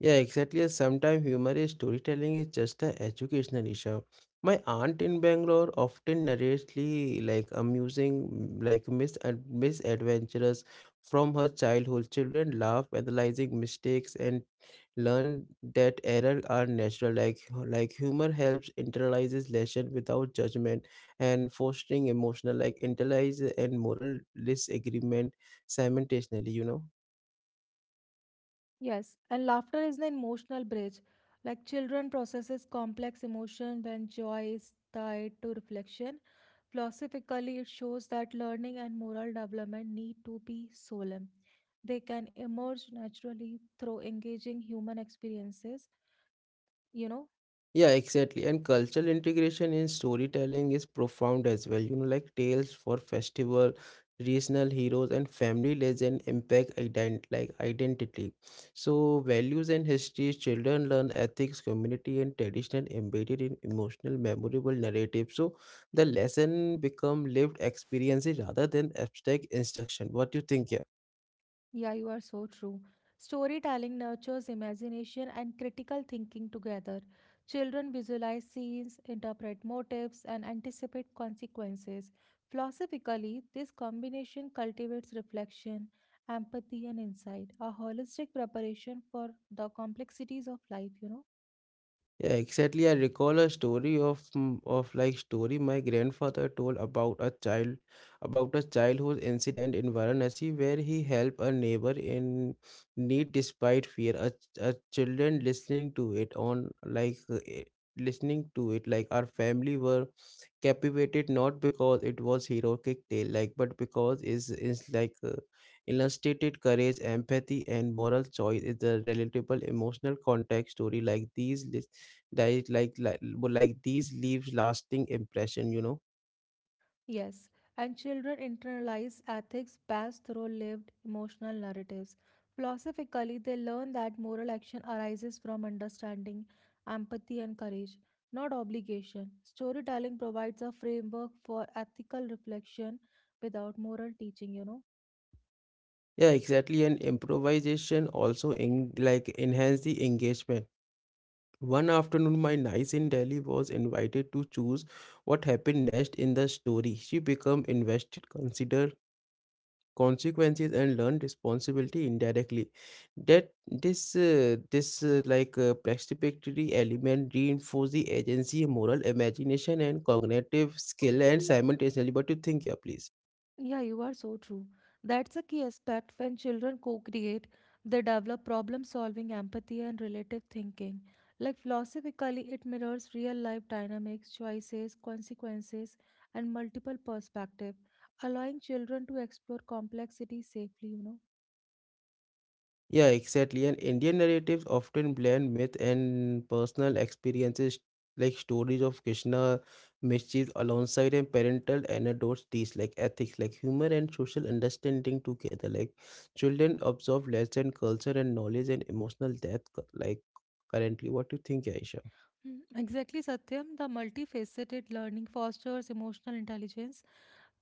A: Yeah, exactly. Sometimes humor is storytelling is just an educational issue. My aunt in Bangalore often narrates the, like amusing, like misadventures from her childhood. Children laugh, analyzing mistakes, and learn that error are natural. Like humor helps internalizes lesson without judgment and fostering emotional like internalize and moral disagreement simultaneously. You know.
B: Yes, and laughter is an emotional bridge. Like children processes complex emotion when joy is tied to reflection. Philosophically, it shows that learning and moral development need to be solemn. They can emerge naturally through engaging human experiences, you know.
A: Yeah, exactly. And cultural integration in storytelling is profound as well. You know, like tales for festival, regional heroes, and family legend impact ident like identity. So values and history, children learn ethics, community, and tradition embedded in emotional, memorable narrative. So the lesson become lived experiences rather than abstract instruction. What do you think here?
B: Yeah, you are so true. Storytelling nurtures imagination and critical thinking together. Children visualize scenes, interpret motives, and anticipate consequences. Philosophically, this combination cultivates reflection, empathy, and insight, a holistic preparation for the complexities of life, you know.
A: Yeah, exactly. I recall a story of m- of like story my grandfather told about a childhood incident in Varanasi where he helped a neighbor in need despite fear. A children listening to it on listening to it like our family were captivated not because it was heroic tale like but because is like illustrated courage empathy and moral choice is a relatable emotional context story like these that like like, like these leaves lasting impression. You know,
B: Yes, and children internalize ethics best through lived emotional narratives. Philosophically, they learn that moral action arises from understanding, empathy, and courage, not obligation. Storytelling provides a framework for ethical reflection without moral teaching, you know.
A: yeah, exactly. And improvisation also in like enhance the engagement. One afternoon my niece in Delhi was invited to choose what happened next in the story. She became invested considered consequences and learn responsibility indirectly that this this like participatory element reinforce the agency moral imagination and cognitive skill and simultaneously. What do you think? Yeah, please.
B: Yeah, you are so true. That's a key aspect when children co-create, they develop problem-solving empathy and relative thinking. Like philosophically, it mirrors real-life dynamics, choices, consequences, and multiple perspectives, allowing children to explore complexity safely, you know.
A: Yeah, exactly. And Indian narratives often blend myth and personal experiences, like stories of Krishna mischief alongside and parental anecdotes, teach like ethics, like humor and social understanding together. Like children absorb lesson, culture, and knowledge and emotional depth. Like currently, what do you think, Aisha?
B: Exactly, Satyam. The multifaceted learning fosters emotional intelligence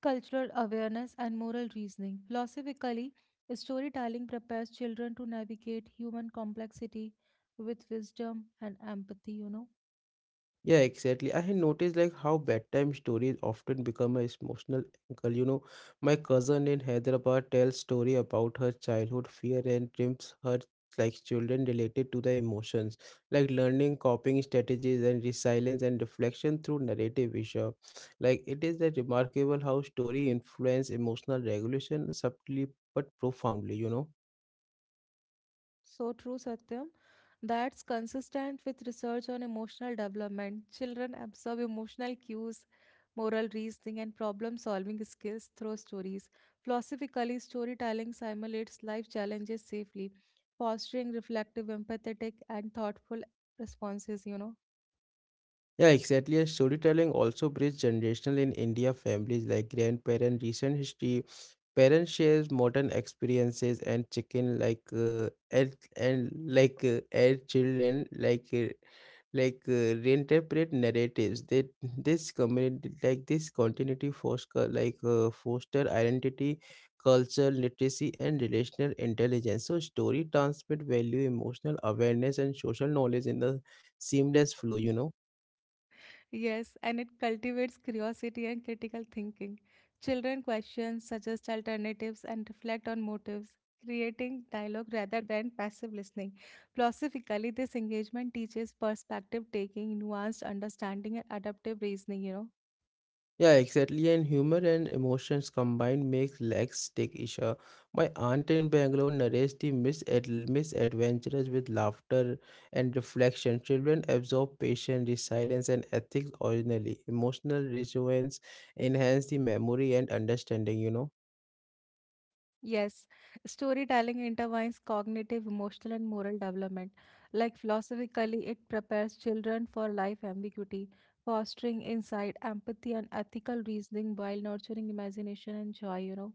B: cultural awareness, and moral reasoning. Philosophically, storytelling prepares children to navigate human complexity with wisdom and empathy, you know.
A: Yeah, exactly. I had noticed like how bedtime stories often become a emotional angle. You know, my cousin in Hyderabad tells story about her childhood fear and dreams her like children related to the emotions, like learning coping strategies and resilience and reflection through narrative visual. Like it is a remarkable how story influence emotional regulation subtly but profoundly, you know.
B: So true, Satyam. That's consistent with research on emotional development. Children absorb emotional cues, moral reasoning, and problem solving skills through stories. Philosophically, storytelling simulates life challenges safely, fostering reflective, empathetic, and thoughtful responses, you know.
A: Yeah, exactly. And storytelling also bridges generational in India families like grandparent, recent history, parents shares modern experiences and chicken and children reinterpret narratives. They this community like this continuity foster foster identity, culture, literacy, and relational intelligence. So story transmit value, emotional awareness, and social knowledge in the seamless flow. You know.
B: Yes, and it cultivates curiosity and critical thinking. Children question, suggest alternatives, and reflect on motives, creating dialogue rather than passive listening. Philosophically, this engagement teaches perspective taking, nuanced understanding, and adaptive reasoning, you know.
A: Yeah, exactly. And humor and emotions combined makes legs stick, Isha. My aunt in Bangalore narrates the misadventures with laughter and reflection. Children absorb patience, resilience, and ethics originally. Emotional resonance enhance the memory and understanding, you know.
B: Yes, storytelling intertwines cognitive, emotional, and moral development. Like philosophically, it prepares children for life ambiguity, fostering insight, empathy, and ethical reasoning while nurturing imagination and joy, you know.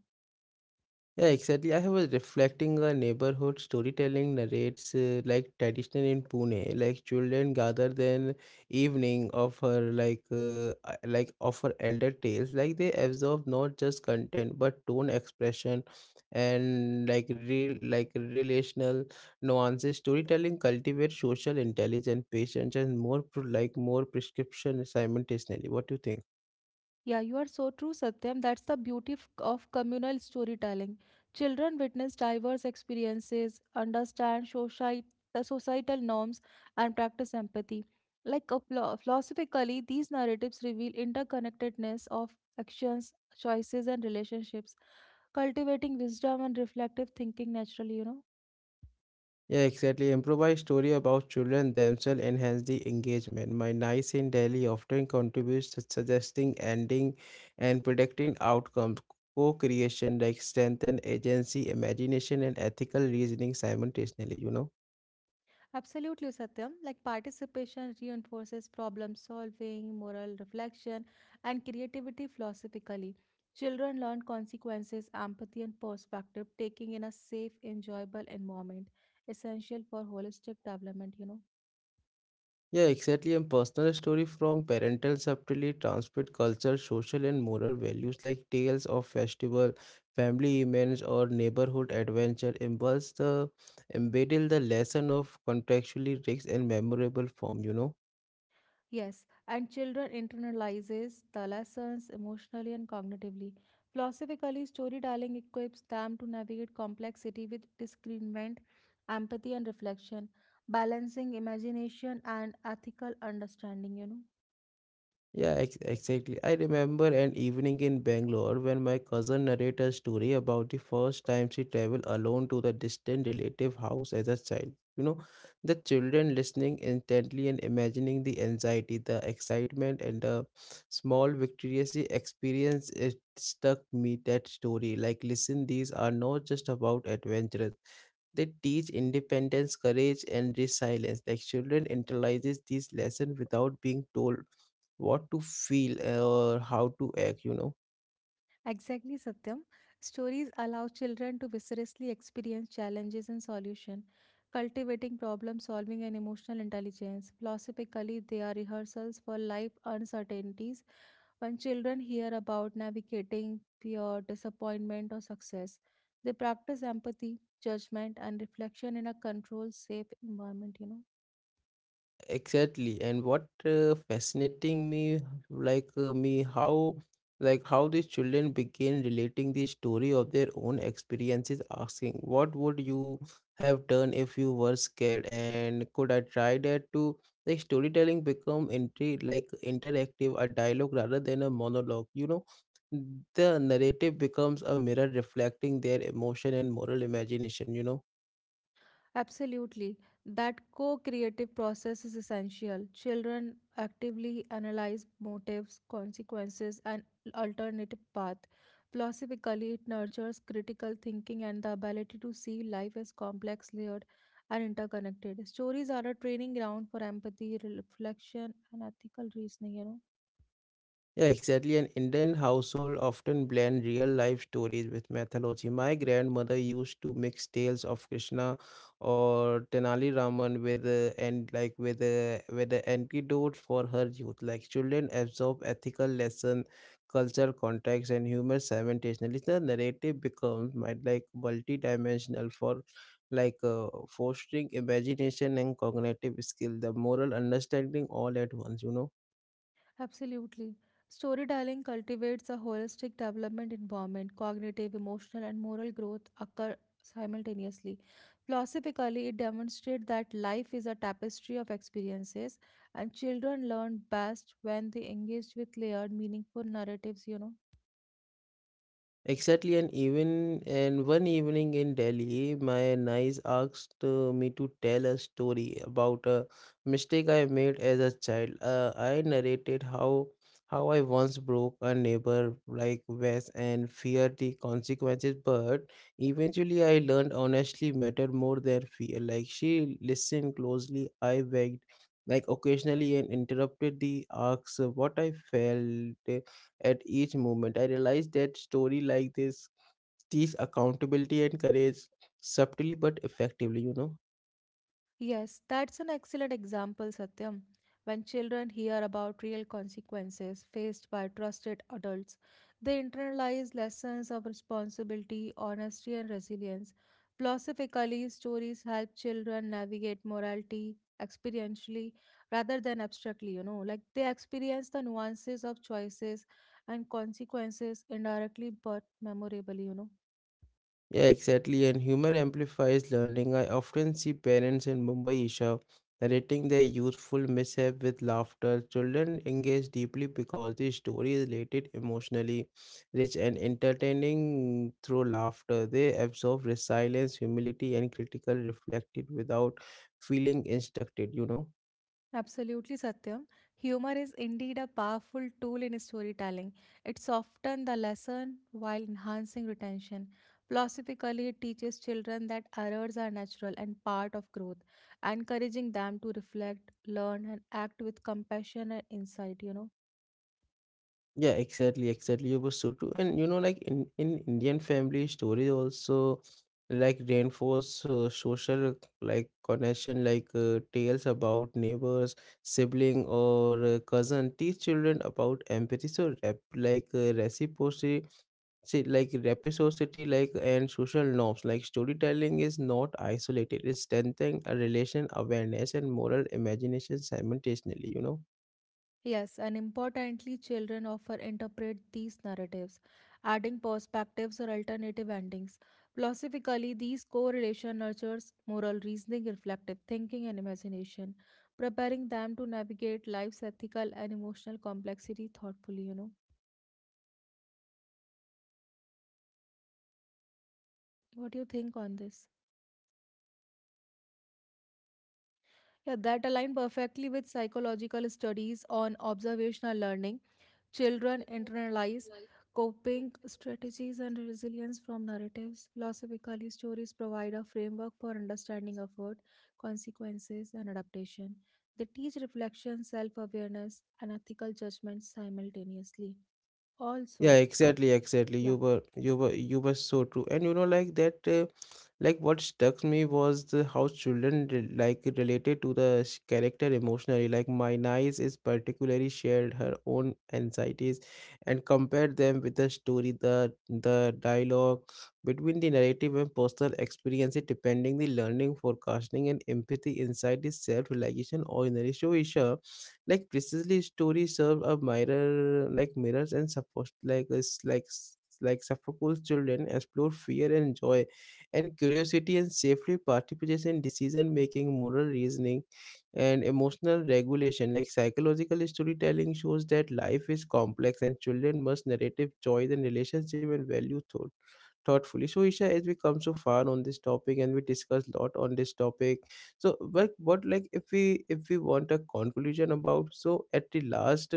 A: Yeah, exactly. I was reflecting a neighborhood storytelling narrates like traditional in Pune, like children gather then evening offer offer elder tales, like they absorb not just content but tone expression and like real like relational nuances. Storytelling cultivates social intelligence, patience, and more like more prescription simultaneously. What do you think?
B: Yeah, you are so true, Satyam. That's the beauty of communal storytelling. Children witness diverse experiences, understand the societal norms, and practice empathy. Like a philosophically, these narratives reveal interconnectedness of actions, choices, and relationships, cultivating wisdom and reflective thinking naturally, you know.
A: Yeah, exactly. Improvised story about children themselves enhance the engagement. My nice in Delhi often contributes to suggesting ending and predicting outcomes. Co-creation like strengthen agency, imagination, and ethical reasoning simultaneously. You know.
B: Absolutely, Satyam. Like participation reinforces problem solving, moral reflection, and creativity philosophically. Children learn consequences, empathy, and perspective taking in a safe, enjoyable environment, essential for holistic development, you know.
A: Yeah, exactly. And personal story from parental subtly transmit culture, social and moral values like tales of festival, family events, or neighborhood adventure impulse the embedded the lesson of contextually rich and memorable form, you know.
B: Yes, and children internalizes the lessons emotionally and cognitively. Philosophically, storytelling equips them to navigate complexity with discernment, empathy, and reflection, balancing imagination and ethical understanding, you know.
A: Yeah, ex exactly. I remember an evening in Bangalore when my cousin narrated a story about the first time she traveled alone to the distant relative house as a child. You know, the children listening intently and imagining the anxiety, the excitement, and the small victorious experience. It stuck me that story. Like, listen, these are not just about adventures. They teach independence, courage, and resilience. Like, children internalizes these lessons without being told what to feel or how to act. You know,
B: Exactly, Satyam. Stories allow children to viscerally experience challenges and solution, cultivating problem solving and emotional intelligence. Philosophically, they are rehearsals for life uncertainties. When children hear about navigating fear, disappointment, or success, they practice empathy, judgment, and reflection in a controlled, safe environment, you know.
A: exactly. And what fascinating me how like how these children begin relating the story of their own experiences asking what would you have done if you were scared and could I try that too. Like storytelling become like interactive a dialogue rather than a monologue. You know, the narrative becomes a mirror reflecting their emotion and moral imagination. You know.
B: Absolutely. That co creative process is essential. Children actively analyze motives, consequences, and alternative path. Philosophically, it nurtures critical thinking and the ability to see life as complex, layered, and interconnected. Stories are a training ground for empathy, reflection, and ethical reasoning, you know.
A: Yeah, exactly. An Indian household often blend real life stories with mythology. My grandmother used to mix tales of Krishna or Tenali Raman with and like with the antidote for her youth. Like children absorb ethical lesson, culture context, and humor simultaneously. The narrative becomes might like multidimensional for fostering imagination and cognitive skill, the moral understanding all at once. You know.
B: Absolutely. Storytelling cultivates a holistic development environment. Cognitive, emotional, and moral growth occur simultaneously. Philosophically, it demonstrates that life is a tapestry of experiences, and children learn best when they engage with layered, meaningful narratives, you know.
A: Exactly, and even and one evening in Delhi, my niece asked me to tell a story about a mistake I made as a child. I narrated how I once broke a neighbor like vase and feared the consequences, but eventually I learned honestly mattered more than fear. Like she listened closely, I begged, like occasionally and interrupted the asks what I felt at each moment. I realized that story like this teach accountability and courage subtly but effectively, you know.
B: Yes, that's an excellent example, Satyam. When children hear about real consequences faced by trusted adults, they internalize lessons of responsibility, honesty, and resilience. Philosophically, stories help children navigate morality experientially rather than abstractly, you know, like they experience the nuances of choices and consequences indirectly but memorably, you know.
A: Yeah, exactly. And humor amplifies learning. I often see parents in Mumbai Isha narrating their youthful mishap with laughter. Children engage deeply because the story is related emotionally rich and entertaining through laughter. They absorb resilience, humility, and critical reflected without feeling instructed, you know.
B: Absolutely, Satyam. Humor is indeed a powerful tool in storytelling. It softens the lesson while enhancing retention. Philosophically, it teaches children that errors are natural and part of growth, encouraging them to reflect, learn, and act with compassion and insight, you know.
A: Yeah, exactly. You were so true. And you know, like in Indian family stories also like reinforce social like connection, tales about neighbors, sibling or cousin teach children about empathy. So rep, like reciprocity, see, like reciprocity, like and social norms. Like storytelling is not isolated. It's strengthening a relation awareness and moral imagination simultaneously. You know.
B: Yes, and importantly, children often interpret these narratives, adding perspectives or alternative endings. Philosophically, these correlation nurtures moral reasoning, reflective thinking, and imagination, preparing them to navigate life's ethical and emotional complexity thoughtfully. You know, what do you think on this? Yeah, that align perfectly with psychological studies on observational learning. Children internalize coping strategies and resilience from narratives. Philosophically, stories provide a framework for understanding effort, consequences, and adaptation. They teach reflection, self awareness, and ethical judgment simultaneously.
A: Yeah,
B: Also,
A: exactly, exactly.
B: yeah.
A: You were so true. And you know, like that, like what struck me was the, how children like related to the character emotionally. Like my niece is particularly shared her own anxieties and compared them with the story, the dialogue between the narrative and personal experience. It depending the learning, forecasting, and empathy inside the self realization ordinary show like precisely stories serve a mirror like mirrors and support like Sophocles' children explore fear and joy and curiosity and safely participate in decision making, moral reasoning, and emotional regulation. Like psychological storytelling shows that life is complex and children must narrative joy and relationship and value thoughtfully. So, Isha, as we come so far on this topic and we discuss a lot on this topic, so like what like if we want a conclusion about so at the last.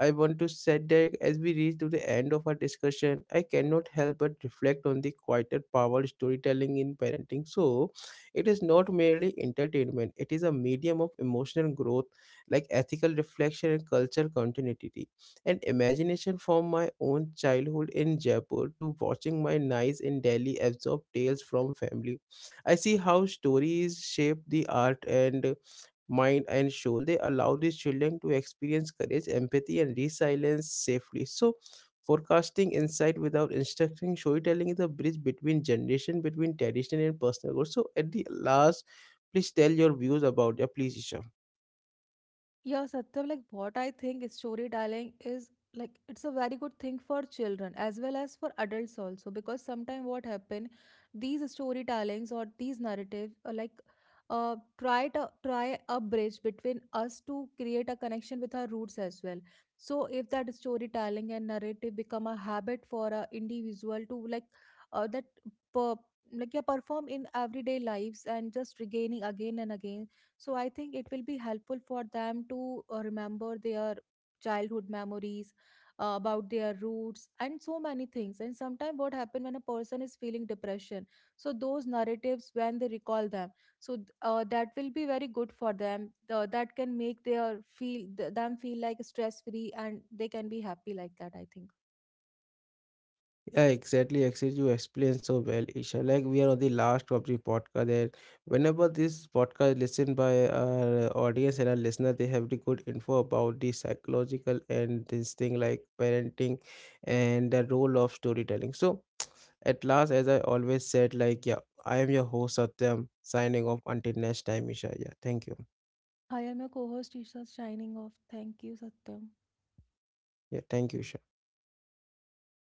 A: I want to say that as we reach to the end of our discussion, I cannot help but reflect on the quieter power storytelling in parenting. So, it is not merely entertainment, it is a medium of emotional growth, like ethical reflection and cultural continuity and imagination from my own childhood in Jaipur to watching my niece in Delhi absorb tales from family. I see how stories shape the art and mind and soul. They allow these children to experience courage, empathy, and resilience safely. So, forecasting insight without instructing storytelling is a bridge between generation, between tradition and personal growth. So, at the last, please tell your views about your please, Isha.
B: Yeah, Satyam, like what I think storytelling is like it's a very good thing for children as well as for adults also because sometimes what happen these storytellings or these narrative try to try a bridge between us to create a connection with our roots as well so if that storytelling and narrative become a habit for a individual to that per, like yeah, perform in everyday lives and just regaining again and again so I think it will be helpful for them to remember their childhood memories about their roots and so many things. And sometimes what happen when a person is feeling depression, so those narratives when they recall them, so that will be very good for them. That can make their feel them feel like stress free and they can be happy like that. I think.
A: Yeah, exactly. Actually, you explained so well, Isha. Like we are on the last of the podcast. There, whenever this podcast listened by our audience and our listener, they have the good info about the psychological and this thing like parenting and the role of storytelling. So, at last, as I always said, like yeah, I am your host Satyam. Signing off until next time, Isha. Yeah, thank you.
B: I am your co-host Isha, shining off. Thank you, Satyam.
A: Yeah, thank you, Isha.